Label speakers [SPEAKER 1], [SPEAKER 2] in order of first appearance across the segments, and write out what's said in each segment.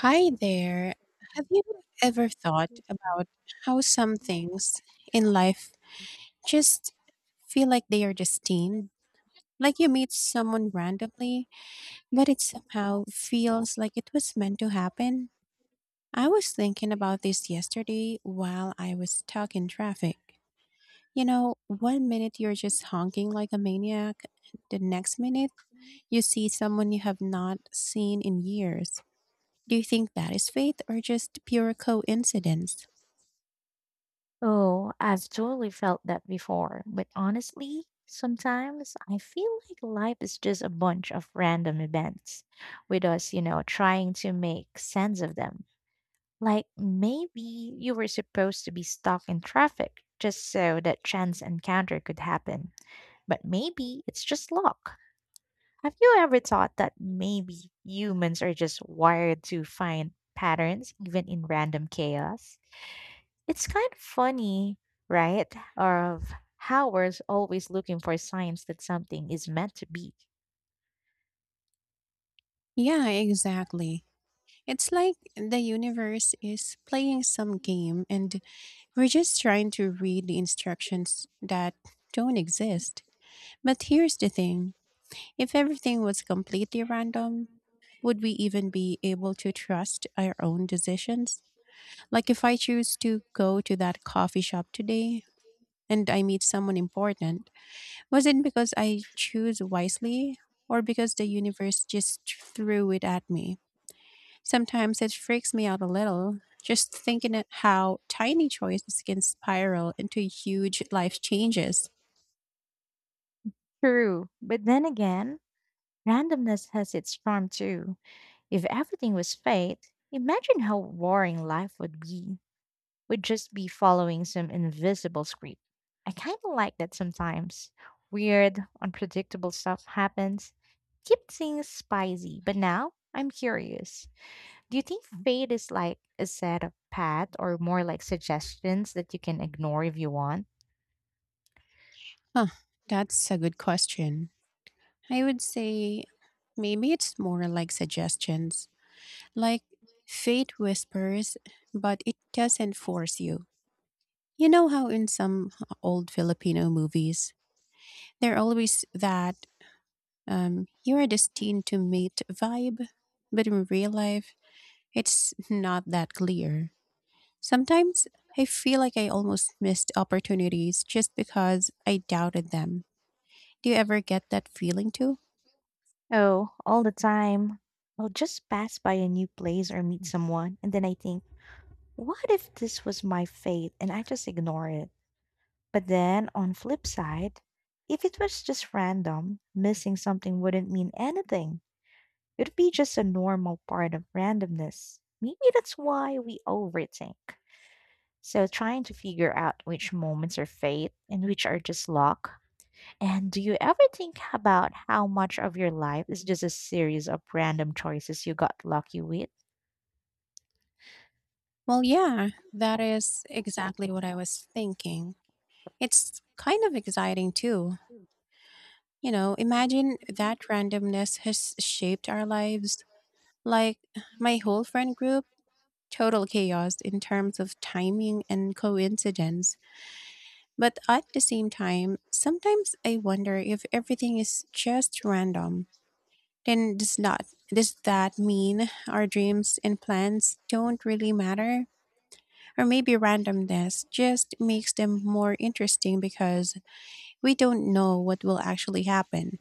[SPEAKER 1] Hi there. Have you ever thought about how some things in life just feel like
[SPEAKER 2] Do
[SPEAKER 1] they are
[SPEAKER 2] you think that's
[SPEAKER 1] destined? Like you meet someone
[SPEAKER 2] fake
[SPEAKER 1] randomly, but it somehow feels like it was meant to happen? I was thinking about this yesterday while I was stuck in traffic. You know, one minute you're just honking like a maniac, the next minute you see someone you have not seen in years. Do you think that is
[SPEAKER 2] or
[SPEAKER 1] fate or
[SPEAKER 2] just your
[SPEAKER 1] just pure coincidence?
[SPEAKER 2] recruitment system? Oh, I've totally felt that before. But honestly, sometimes I feel like life is just a bunch of random events with us, trying to make sense of them. Like maybe you were supposed to be stuck in traffic just so that chance encounter could happen. But maybe it's just luck. Have you ever thought that maybe humans are just wired to find patterns even in random chaos? It's kind of funny, right? Of how we're always looking for signs that something is meant to be.
[SPEAKER 1] Yeah, exactly. It's like the universe is playing some game and we're just trying to read the instructions that don't exist. But here's the thing, if everything was completely random, would we even be able to trust our own decisions? Like if I choose to go to that coffee shop today and I meet someone important, was it because I choose wisely or because the universe just threw it at me? Sometimes it freaks me out a little, just thinking at how tiny choices can spiral into huge life changes.
[SPEAKER 2] True, but then again, randomness has its charm too. If everything was fate, imagine how boring life would be. We'd just be following some invisible script. I kind of like that sometimes. Weird, unpredictable stuff happens. Keep things spicy, but now I'm curious. Do you think fate is like a set of path or more like suggestions that you can ignore if you want?
[SPEAKER 1] Huh, that's a good question. I would say maybe it's more like suggestions, like fate whispers, but it doesn't force you. You know how in some old Filipino movies, they're always that you are destined to mate vibe, but in real life, it's not that clear. Sometimes I feel like I almost missed opportunities just because I doubted them. Do you ever get that feeling too?
[SPEAKER 2] Oh, all the time. I'll just pass by a new place or meet someone, and then I think, what if this was my fate? And I just ignore it. But then, on flip side, if it was just random, missing something wouldn't mean anything. It'd be just a normal part of randomness. Maybe that's why we overthink. So trying to figure out which moments are fate and which are just luck. And do you ever think about how much of your life is just a series of random choices you got lucky with?
[SPEAKER 1] Well, yeah, that is exactly what I was thinking. It's kind of exciting too. You know, imagine that randomness has shaped our lives. Like my whole friend group, total chaos in terms of timing and coincidence. But at the same time, sometimes I wonder if everything is just random. Then does not does that mean our dreams and plans don't really matter? Or maybe randomness just makes them more interesting because we don't know what will actually happen.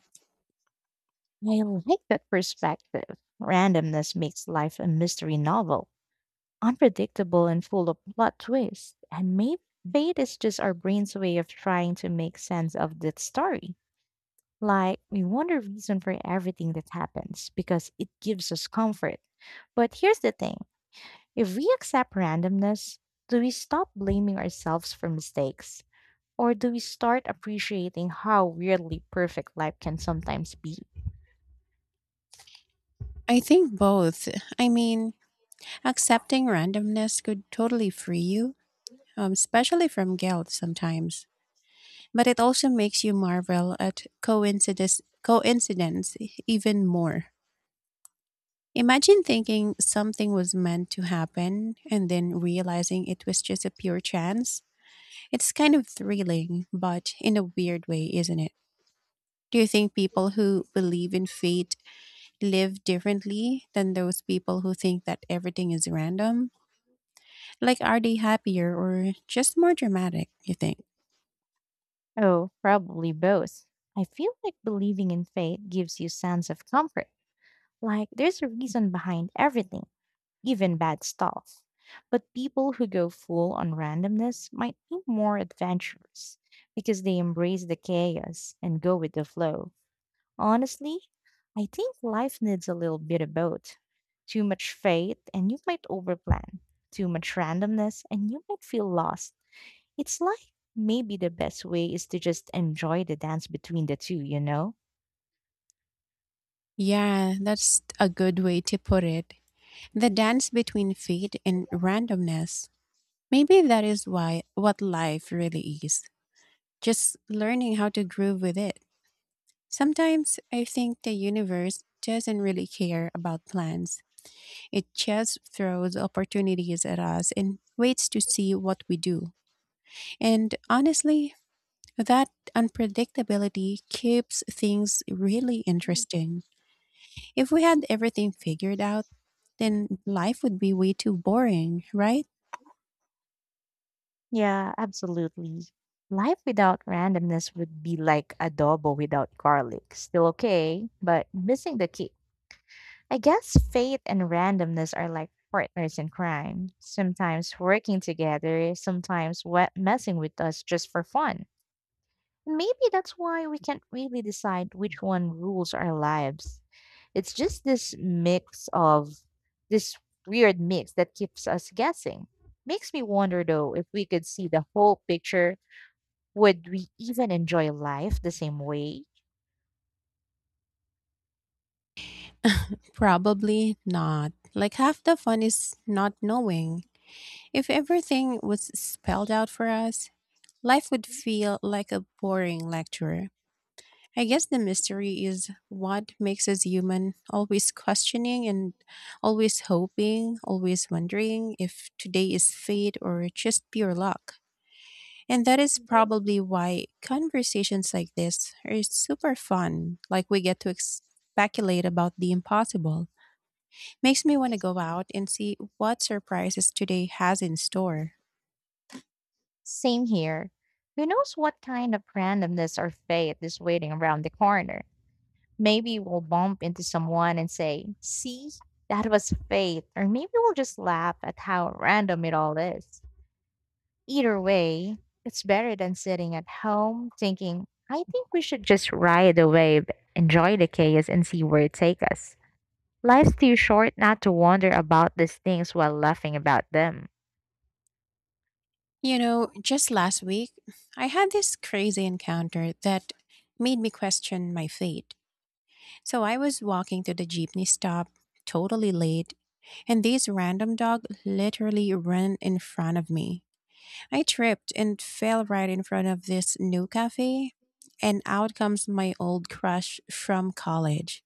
[SPEAKER 2] I like that perspective. Randomness makes life a mystery novel, unpredictable and full of plot twists. And maybe fate is just our brain's way of trying to make sense of that story. Like, we want a reason for everything that happens because it gives us comfort. But here's the thing, if we accept randomness, do we stop blaming ourselves for mistakes? Or do we start appreciating how weirdly perfect life can sometimes be?
[SPEAKER 1] I think both. I mean, accepting randomness could totally free you, especially from guilt sometimes. But it also makes you marvel at coincidence even more. Imagine thinking something was meant to happen and then realizing it was just a pure chance. It's kind of thrilling, but in a weird way, isn't it? Do you think people who believe in fate live differently than those people who think that everything is random? Like, are they happier or just more dramatic, you think?
[SPEAKER 2] Oh, probably both. I feel like believing in fate gives you sense of comfort. Like there's a reason behind everything, even bad stuff. But people who go full on randomness might be more adventurous because they embrace the chaos and go with the flow. Honestly, I think life needs a little bit of both. Too much faith, and you might overplan. Too much randomness, and you might feel lost. It's like maybe the best way is to just enjoy the dance between the two?
[SPEAKER 1] Yeah, that's a good way to put it. The dance between fate and randomness. Maybe that is why what life really is. Just learning how to groove with it. Sometimes I think the universe doesn't really care about plans. It just throws opportunities at us and waits to see what we do. And honestly, that unpredictability keeps things really interesting. If we had everything figured out, then life would be way too boring, right?
[SPEAKER 2] Yeah, absolutely. Life without randomness would be like adobo without garlic. Still okay, but missing the kick. I guess fate and randomness are like partners in crime, sometimes working together, messing with us just for fun. Maybe that's why we can't really decide which one rules our lives. It's just this weird mix that keeps us guessing. Makes me wonder though, if we could see the whole picture, would we even enjoy life the same way?
[SPEAKER 1] Probably not. Like half the fun is not knowing. If everything was spelled out for us, life would feel like a boring lecture. I guess the mystery is what makes us human, always questioning and always hoping, always wondering if today is fate or just pure luck. And that is probably why conversations like this are super fun, like we get to speculate about the impossible. Makes me want to go out and see what surprises today has in store.
[SPEAKER 2] Same here. Who knows what kind of randomness or fate is waiting around the corner? Maybe we'll bump into someone and say, "See, that was fate." Or maybe we'll just laugh at how random it all is. Either way, it's better than sitting at home thinking. I think we should just ride the wave, enjoy the chaos, and see where it takes us. Life's too short not to wonder about these things while laughing about them.
[SPEAKER 1] You know, just last week, I had this crazy encounter that made me question my fate. So I was walking to the jeepney stop, totally late, and this random dog literally ran in front of me. I tripped and fell right in front of this new cafe, and out comes my old crush from college.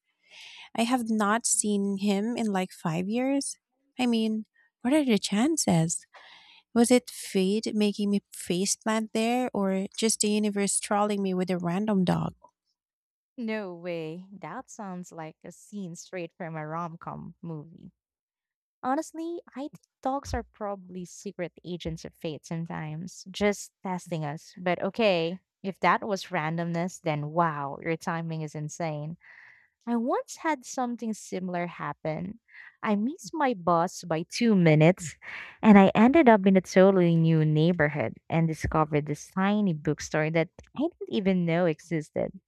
[SPEAKER 1] I have not seen him in like 5 years. I mean, what are the chances? Was it fate making me face plant there or just the universe trolling me with a random dog?
[SPEAKER 2] No way. That sounds like a scene straight from a rom com movie. Honestly, I think dogs are probably secret agents of fate sometimes, just testing us. But okay, if that was randomness, then wow, your timing is insane. I once had something similar happen. I missed my bus by 2 minutes, and I ended up in a totally new neighborhood and discovered this tiny bookstore that I didn't even know existed.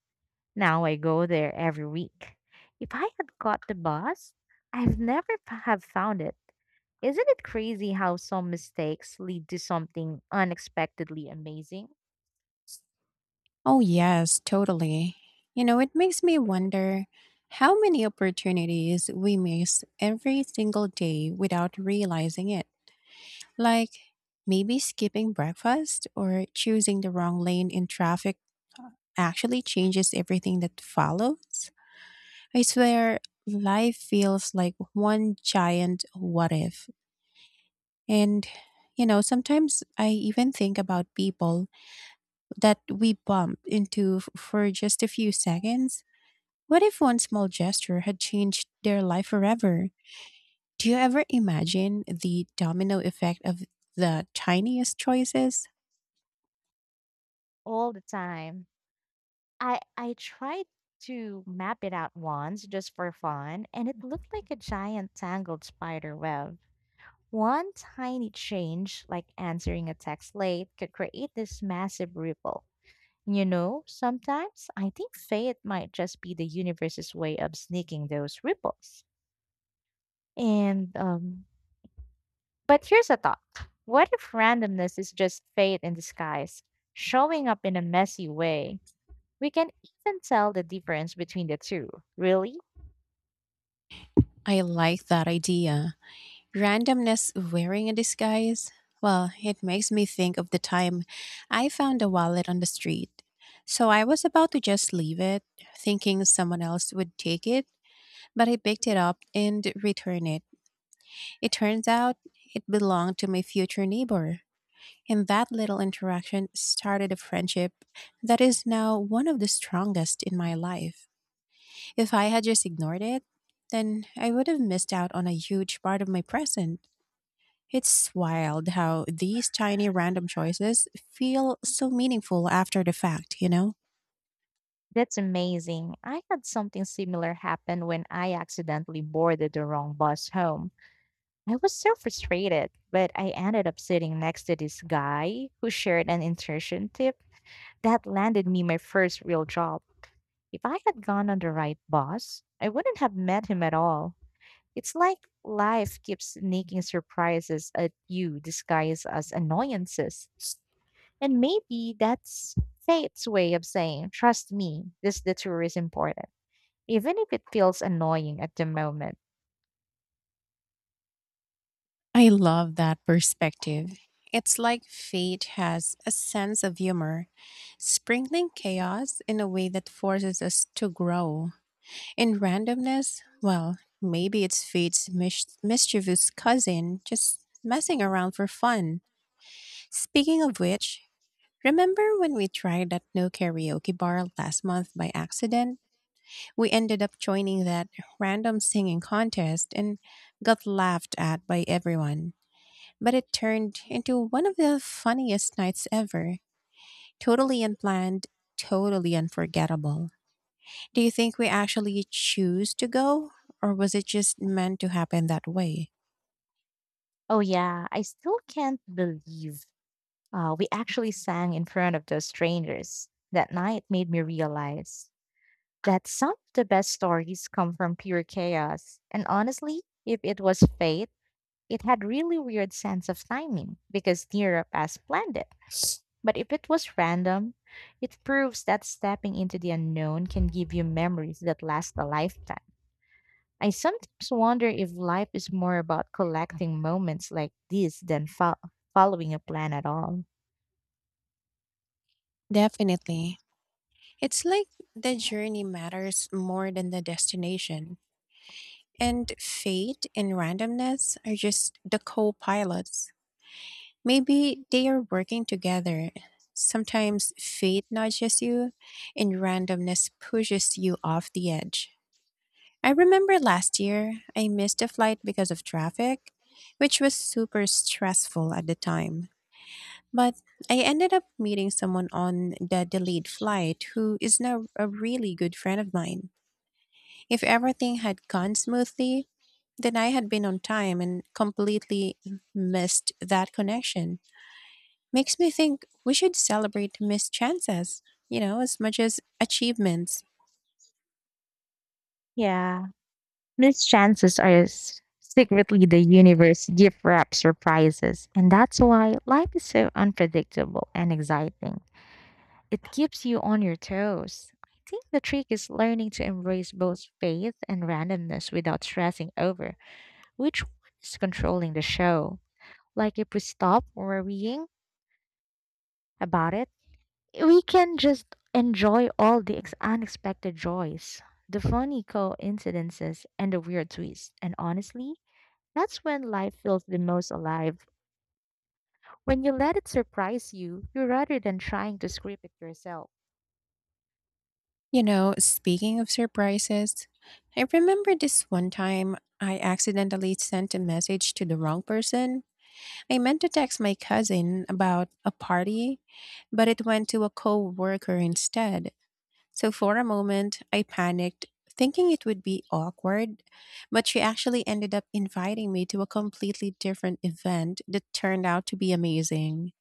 [SPEAKER 2] Now I go there every week. If I had caught the bus, I'd never have found it. Isn't it crazy how some mistakes lead to something unexpectedly amazing
[SPEAKER 1] Oh, yes, totally. You know, it makes me wonder how many opportunities we miss every single day without realizing it. Like maybe skipping breakfast or choosing the wrong lane in traffic actually changes everything that follows. I swear, life feels like one giant what if. And, you know, sometimes I even think about people that we bump into for just a few seconds. What if one small gesture had changed their life forever? Do you ever imagine the domino effect of the tiniest choices?
[SPEAKER 2] all the time? I tried to map it out once just for fun, and it looked like a giant tangled spider web. One tiny change, like answering a text late, could create this massive ripple. You know, sometimes I think fate might just be the universe's way of sneaking those ripples. And, um, but here's a thought, what if randomness is just fate in disguise, showing up in a messy way? We can even tell the difference between the two. Really?
[SPEAKER 1] I like that idea. Randomness wearing a disguise? Well, it makes me think of the time I found a wallet on the street. So I was about to just leave it, thinking someone else would take it, but I picked it up and returned it. It turns out it belonged to my future neighbor. And that little interaction started a friendship that is now one of the strongest in my life. If I had just ignored it, then I would have missed out on a huge part of my present. It's wild how these tiny random choices feel so meaningful after the fact, you know?
[SPEAKER 2] That's amazing. I had something similar happen when I accidentally boarded the wrong bus home. I was so frustrated, but I ended up sitting next to this guy who shared an insertion tip that landed me my first real job. If I had gone on the right boss, I wouldn't have met him at all. It's like life keeps sneaking surprises at you disguised as annoyances. And maybe that's fate's way of saying, trust me, this detour is important, even if it feels annoying at the moment.
[SPEAKER 1] I love that perspective. It's like fate has a sense of humor, sprinkling chaos in a way that forces us to grow. In randomness, well, maybe it's fate's mischievous cousin just messing around for fun. Speaking of which, remember when we tried that new karaoke bar last month by accident? We ended up joining that random singing contest and got laughed at by everyone. But it turned into one of the funniest nights ever. Totally unplanned, totally unforgettable. Do you think we actually choose to go, or was it just meant to happen that way?
[SPEAKER 2] Oh, yeah, I still can't believe we actually sang in front of those strangers. That night made me realize that some of the best stories come from pure chaos. And honestly, if it was fate, it had really weird sense of timing because Nira as planned it. But if it was random, it proves that stepping into the unknown can give you memories that last a lifetime. I sometimes wonder if life is more about collecting moments like this than following a plan at all.
[SPEAKER 1] Definitely. It's like the journey matters more than the destination. And fate and randomness are just the co pilots. Maybe they are working together. Sometimes fate nudges you and randomness pushes you off the edge. I remember last year I missed a flight because of traffic, which was super stressful at the time. But I ended up meeting someone on the delayed flight who is now a really good friend of mine. If everything had gone smoothly, then I had been on time and completely missed that connection, makes me think we should celebrate missed chances, you know, as much as achievements.
[SPEAKER 2] Yeah, missed chances are secretly the universe gift wrap surprises, and that's why life is so unpredictable and exciting. It keeps you on your toes. I think the trick is learning to embrace both faith and randomness without stressing over which one is controlling the show. Like if we stop worrying about it, we can just enjoy all the unexpected joys, the funny coincidences, and the weird twists. And honestly, that's when life feels the most alive. When you let it surprise you, rather than trying to script it yourself.
[SPEAKER 1] You know, speaking of surprises, I remember this one time I accidentally sent a message to the wrong person. I meant to text my cousin about a party, but it went to a coworker instead. So for a moment, I panicked, thinking it would be awkward, but she actually ended up inviting me to a completely different event that turned out to be amazing.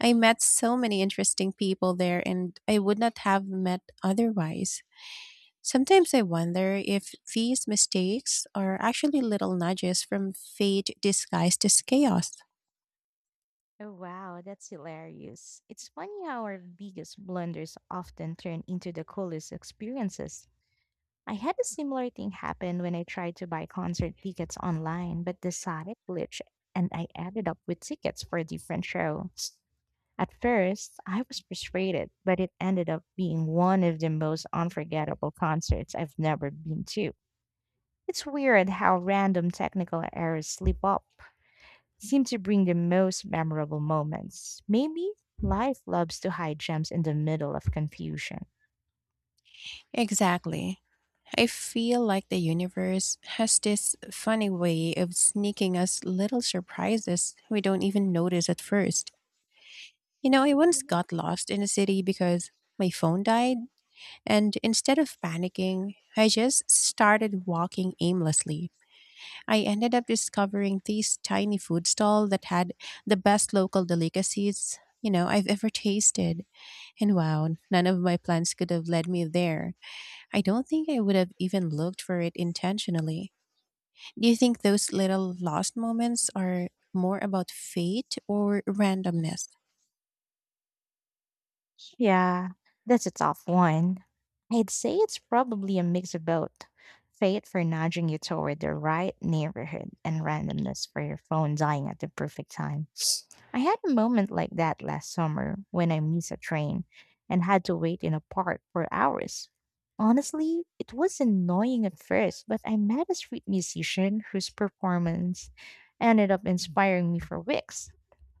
[SPEAKER 1] I met so many interesting people there and I would not have met otherwise. Sometimes I wonder if these mistakes are actually little nudges from fate disguised as chaos.
[SPEAKER 2] Oh, wow, that's hilarious. It's funny how our biggest blunders often turn into the coolest experiences. I had a similar thing happen when I tried to buy concert tickets online, but decided to glitch, and I ended up with tickets for a different show. At first, I was frustrated, but it ended up being one of the most unforgettable concerts I've never been to. It's weird how random technical errors slip up seem to bring the most memorable moments. Maybe life loves to hide gems in the middle of confusion.
[SPEAKER 1] Exactly. I feel like the universe has this funny way of sneaking us little surprises we don't even notice at first. You know, I once got lost in a city because my phone died, and instead of panicking, I just started walking aimlessly. I ended up discovering these tiny food stall that had the best local delicacies, you know, I've ever tasted. And wow, none of my plans could have led me there. I don't think I would have even looked for it intentionally. Do you think those little lost moments are more about fate or randomness?
[SPEAKER 2] Yeah, that's a tough one. I'd say it's probably a mix of both. Fate for nudging you toward the right neighborhood and randomness for your phone dying at the perfect time. I had a moment like that last summer when I missed a train and had to wait in a park for hours. Honestly, it was annoying at first, but I met a street musician whose performance ended up inspiring me for weeks.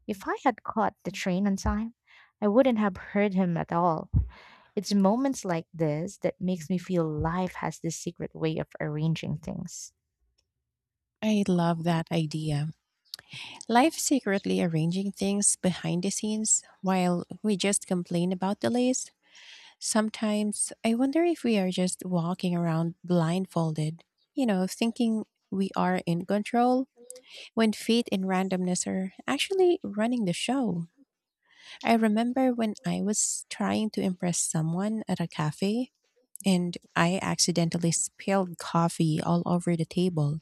[SPEAKER 2] If I had caught the train on time, I wouldn't have heard him at all. It's moments like this that makes me feel life has this secret way of arranging things.
[SPEAKER 1] I love that idea. Life secretly arranging things behind the scenes while we just complain about delays. Sometimes I wonder if we are just walking around blindfolded, you know, thinking we are in control when fate and randomness are actually running the show. I remember when I was trying to impress someone at a cafe and I accidentally spilled coffee all over the table.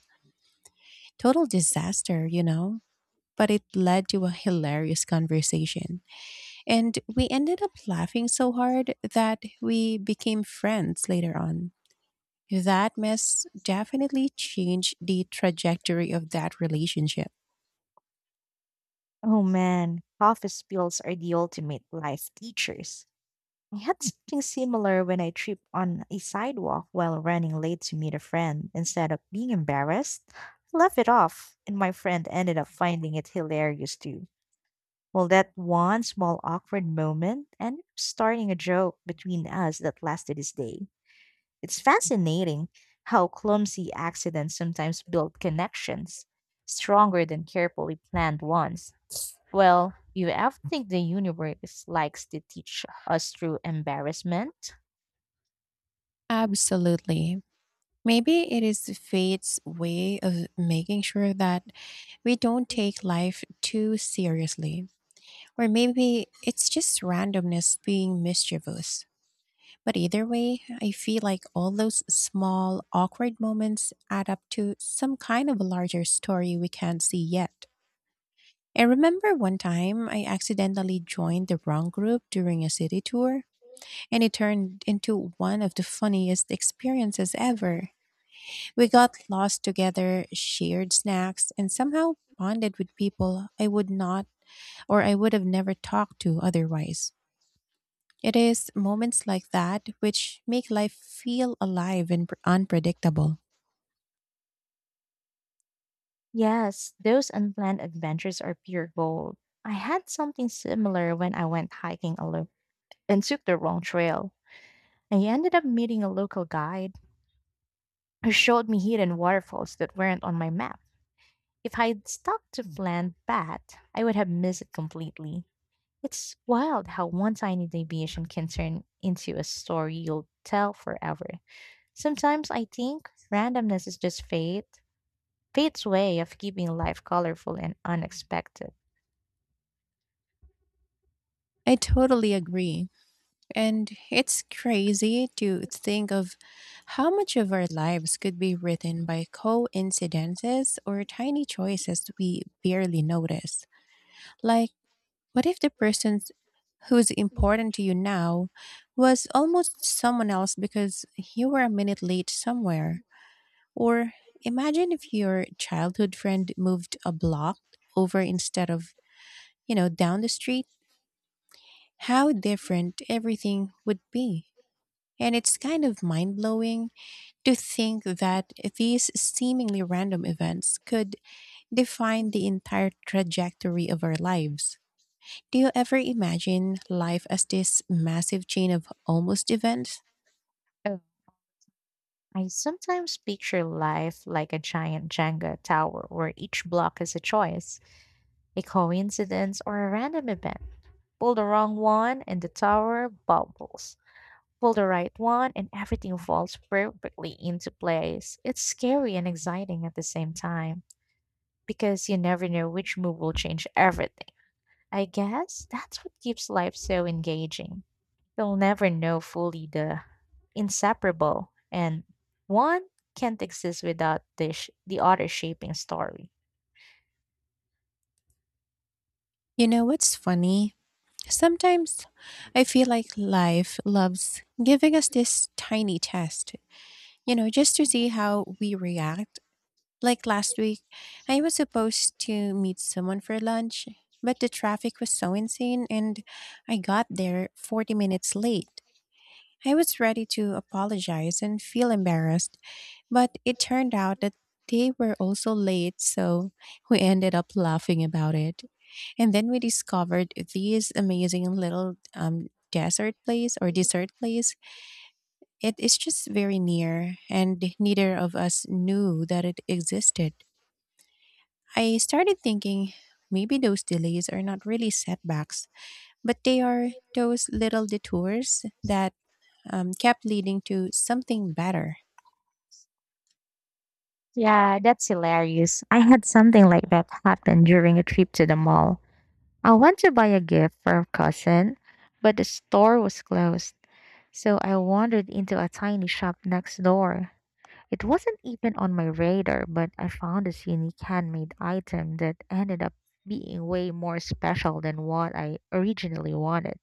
[SPEAKER 1] Total disaster, you know? But it led to a hilarious conversation. And we ended up laughing so hard that we became friends later on. That mess definitely changed the trajectory of that relationship.
[SPEAKER 2] Oh man, coffee spills are the ultimate life teachers. I had something similar when I tripped on a sidewalk while running late to meet a friend. Instead of being embarrassed, I left it off, and my friend ended up finding it hilarious too. Well, that one small awkward moment ended up starting a joke between us that lasted this day. It's fascinating how clumsy accidents sometimes build connections stronger than carefully planned ones. Well, you ever think the universe likes to teach us through embarrassment?
[SPEAKER 1] Absolutely. Maybe it is fate's way of making sure that we don't take life too seriously. Or maybe it's just randomness being mischievous. But either way, I feel like all those small, awkward moments add up to some kind of a larger story we can't see yet. I remember one time I accidentally joined the wrong group during a city tour, and it turned into one of the funniest experiences ever. We got lost together, shared snacks, and somehow bonded with people I would have never talked to otherwise. It is moments like that which make life feel alive and unpredictable.
[SPEAKER 2] Yes, those unplanned adventures are pure gold. I had something similar when I went hiking alone and took the wrong trail. I ended up meeting a local guide who showed me hidden waterfalls that weren't on my map. If I'd stuck to plan that, I would have missed it completely. It's wild how one tiny deviation can turn into a story you'll tell forever. Sometimes I think randomness is just fate's way of keeping life colorful and unexpected.
[SPEAKER 1] I totally agree. And it's crazy to think of how much of our lives could be written by coincidences or tiny choices we barely notice. Like, what if the person who's important to you now was almost someone else because you were a minute late somewhere? Or imagine if your childhood friend moved a block over instead of, you know, down the street, how different everything would be. And it's kind of mind blowing to think that these seemingly random events could define the entire trajectory of our lives. Do you ever imagine life as this massive chain of almost events?
[SPEAKER 2] Oh, I sometimes picture life like a giant Jenga tower where each block is a choice, a coincidence, or a random event. Pull the wrong one and the tower bobbles. Pull the right one and everything falls perfectly into place. It's scary and exciting at the same time because you never know which move will change everything. I guess that's what keeps life so engaging. You'll never know fully the inseparable and one can't exist without the other shaping story.
[SPEAKER 1] You know what's funny? Sometimes I feel like life loves giving us this tiny test, just to see how we react. Like last week, I was supposed to meet someone for lunch, but the traffic was so insane and I got there 40 minutes late. I was ready to apologize and feel embarrassed, but it turned out that they were also late, so we ended up laughing about it. And then we discovered these amazing little desert place or dessert place. It is just very near, and neither of us knew that it existed. I started thinking maybe those delays are not really setbacks, but they are those little detours that kept leading to something better.
[SPEAKER 2] Yeah, that's hilarious. I had something like that happen during a trip to the mall. I want to buy a gift for a cousin, but the store was closed, so I wandered into a tiny shop next door. It wasn't even on my radar, but I found this unique handmade item that ended up being way more special than what I originally wanted.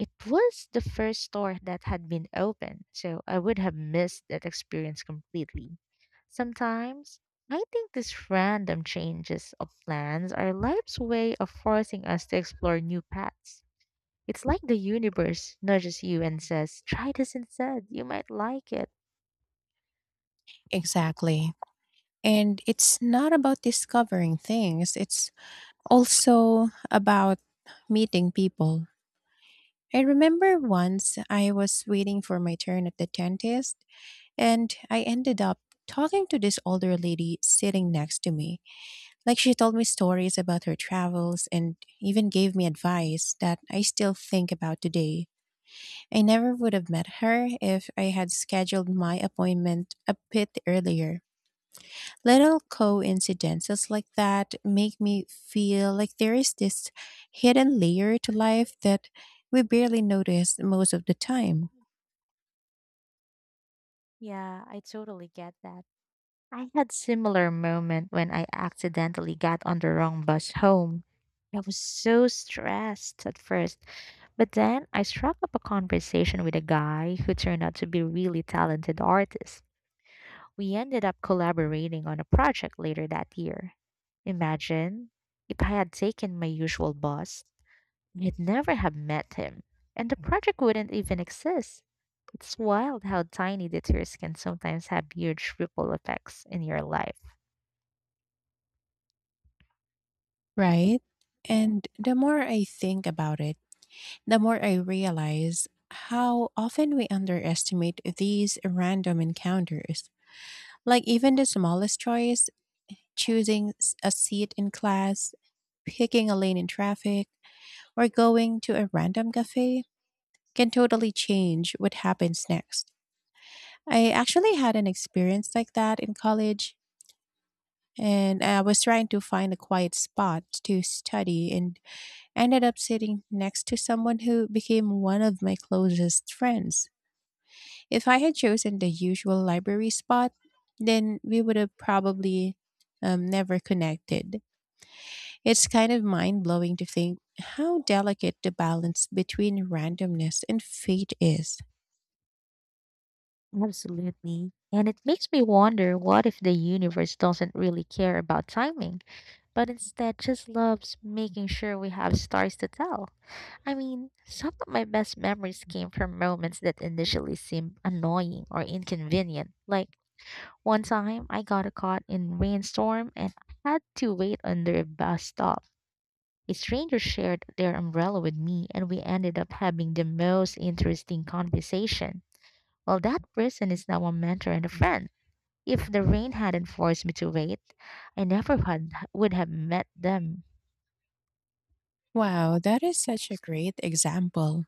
[SPEAKER 2] It was the first store that had been open, so I would have missed that experience completely. Sometimes, I think these random changes of plans are life's way of forcing us to explore new paths. It's like the universe nudges you and says, try this instead, you might like it.
[SPEAKER 1] Exactly. And it's not about discovering things, it's also about meeting people. I remember once I was waiting for my turn at the dentist, and I ended up talking to this older lady sitting next to me. Like, she told me stories about her travels and even gave me advice that I still think about today. I never would have met her if I had scheduled my appointment a bit earlier. Little coincidences like that make me feel like there is this hidden layer to life that we barely notice most of the time,
[SPEAKER 2] Yeah, I totally get that. I had similar moment when I accidentally got on the wrong bus home. I was so stressed at first, but then I struck up a conversation with a guy who turned out to be a really talented artist. We ended up collaborating on a project later that year. Imagine if I had taken my usual bus, I'd never have met him, and the project wouldn't even exist. It's wild how tiny detours can sometimes have huge ripple effects in your life.
[SPEAKER 1] right? And the more I think about it, the more I realize how often we underestimate these random encounters. Like, even the smallest choice, a seat in class, picking a lane in traffic, or going to a random cafe, can totally change what happens next. I actually had an experience like that in college, and I was trying to find a quiet spot to study and ended up sitting next to someone who became one of my closest friends. If I had chosen the usual library spot, then we would have probably never connected. It's kind of mind blowing to think how delicate the balance between randomness and fate is.
[SPEAKER 2] Absolutely. And it makes me wonder, what if the universe doesn't really care about timing, but instead just loves making sure we have stories to tell. I mean, some of my best memories came from moments that initially seemed annoying or inconvenient. Like one time I got caught in rainstorm and had to wait under a bus stop. A stranger shared their umbrella with me and we ended up having the most interesting conversation. Well, that person is now a mentor and a friend. If the rain hadn't forced me to wait, I never had, would have met them.
[SPEAKER 1] Wow, that is such a great example.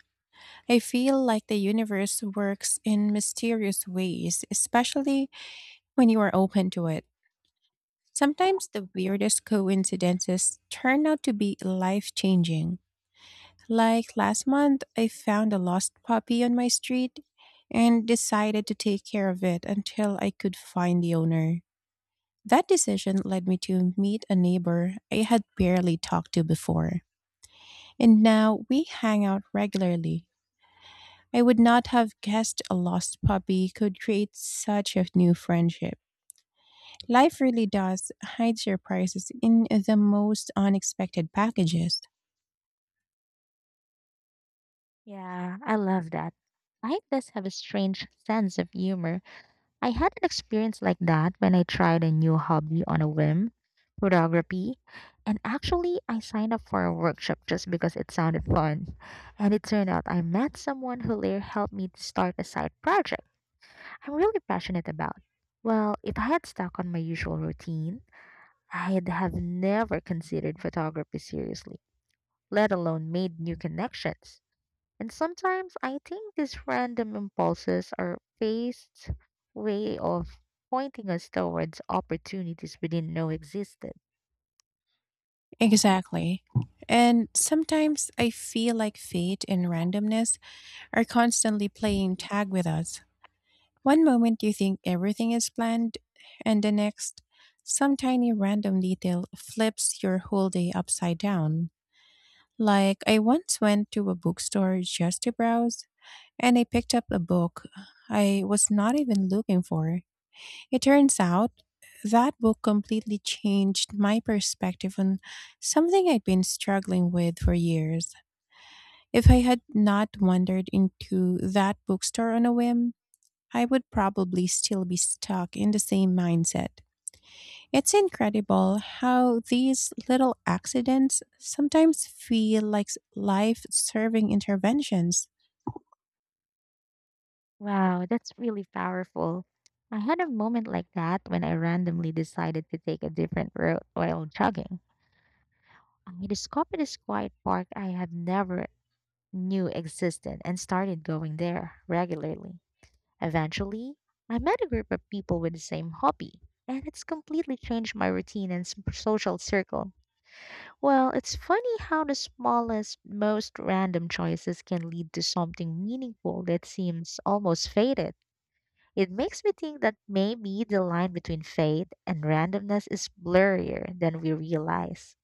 [SPEAKER 1] I feel like the universe works in mysterious ways, especially when you are open to it. Sometimes the weirdest coincidences turn out to be life changing. Like last month, I found a lost puppy on my street and decided to take care of it until I could find the owner. That decision led me to meet a neighbor I had barely talked to before, and now we hang out regularly. I would not have guessed a lost puppy could create such a new friendship. Life really does hide surprises in the most unexpected packages.
[SPEAKER 2] Yeah, I love that. Life does have a strange sense of humor. I had an experience like that when I tried a new hobby on a whim, photography, and actually I signed up for a workshop just because it sounded fun. And it turned out I met someone who later helped me to start a side project I'm really passionate about. Well, if I had stuck on my usual routine, I'd have never considered photography seriously, let alone made new connections. And sometimes I think these random impulses are fate's way of pointing us towards opportunities we didn't know existed.
[SPEAKER 1] Exactly. And sometimes I feel like fate and randomness are constantly playing tag with us. One moment you think everything is planned, and the next, some tiny random detail flips your whole day upside down. Like, I once went to a bookstore just to browse, and I picked up a book I was not even looking for. It turns out that book completely changed my perspective on something I'd been struggling with for years. If I had not wandered into that bookstore on a whim, I would probably still be stuck in the same mindset. It's incredible how these little accidents sometimes feel like life serving interventions.
[SPEAKER 2] Wow, that's really powerful. I had a moment like that when I randomly decided to take a different route while jogging. I discovered this quiet park I had never knew existed and started going there regularly. Eventually, I met a group of people with the same hobby, and it's completely changed my routine and social circle. Well, it's funny how the smallest, most random choices can lead to something meaningful that seems almost fated. It makes me think that maybe the line between fate and randomness is blurrier than we realize.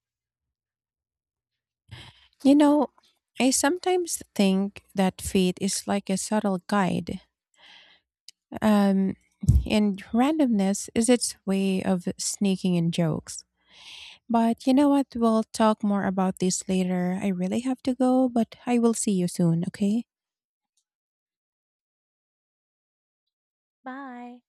[SPEAKER 1] You know, I sometimes think that fate is like a subtle guide, um, and randomness is its way of sneaking in jokes. But you know what? We'll talk more about this later. I really have to go, but I will see you soon, okay?
[SPEAKER 2] Bye.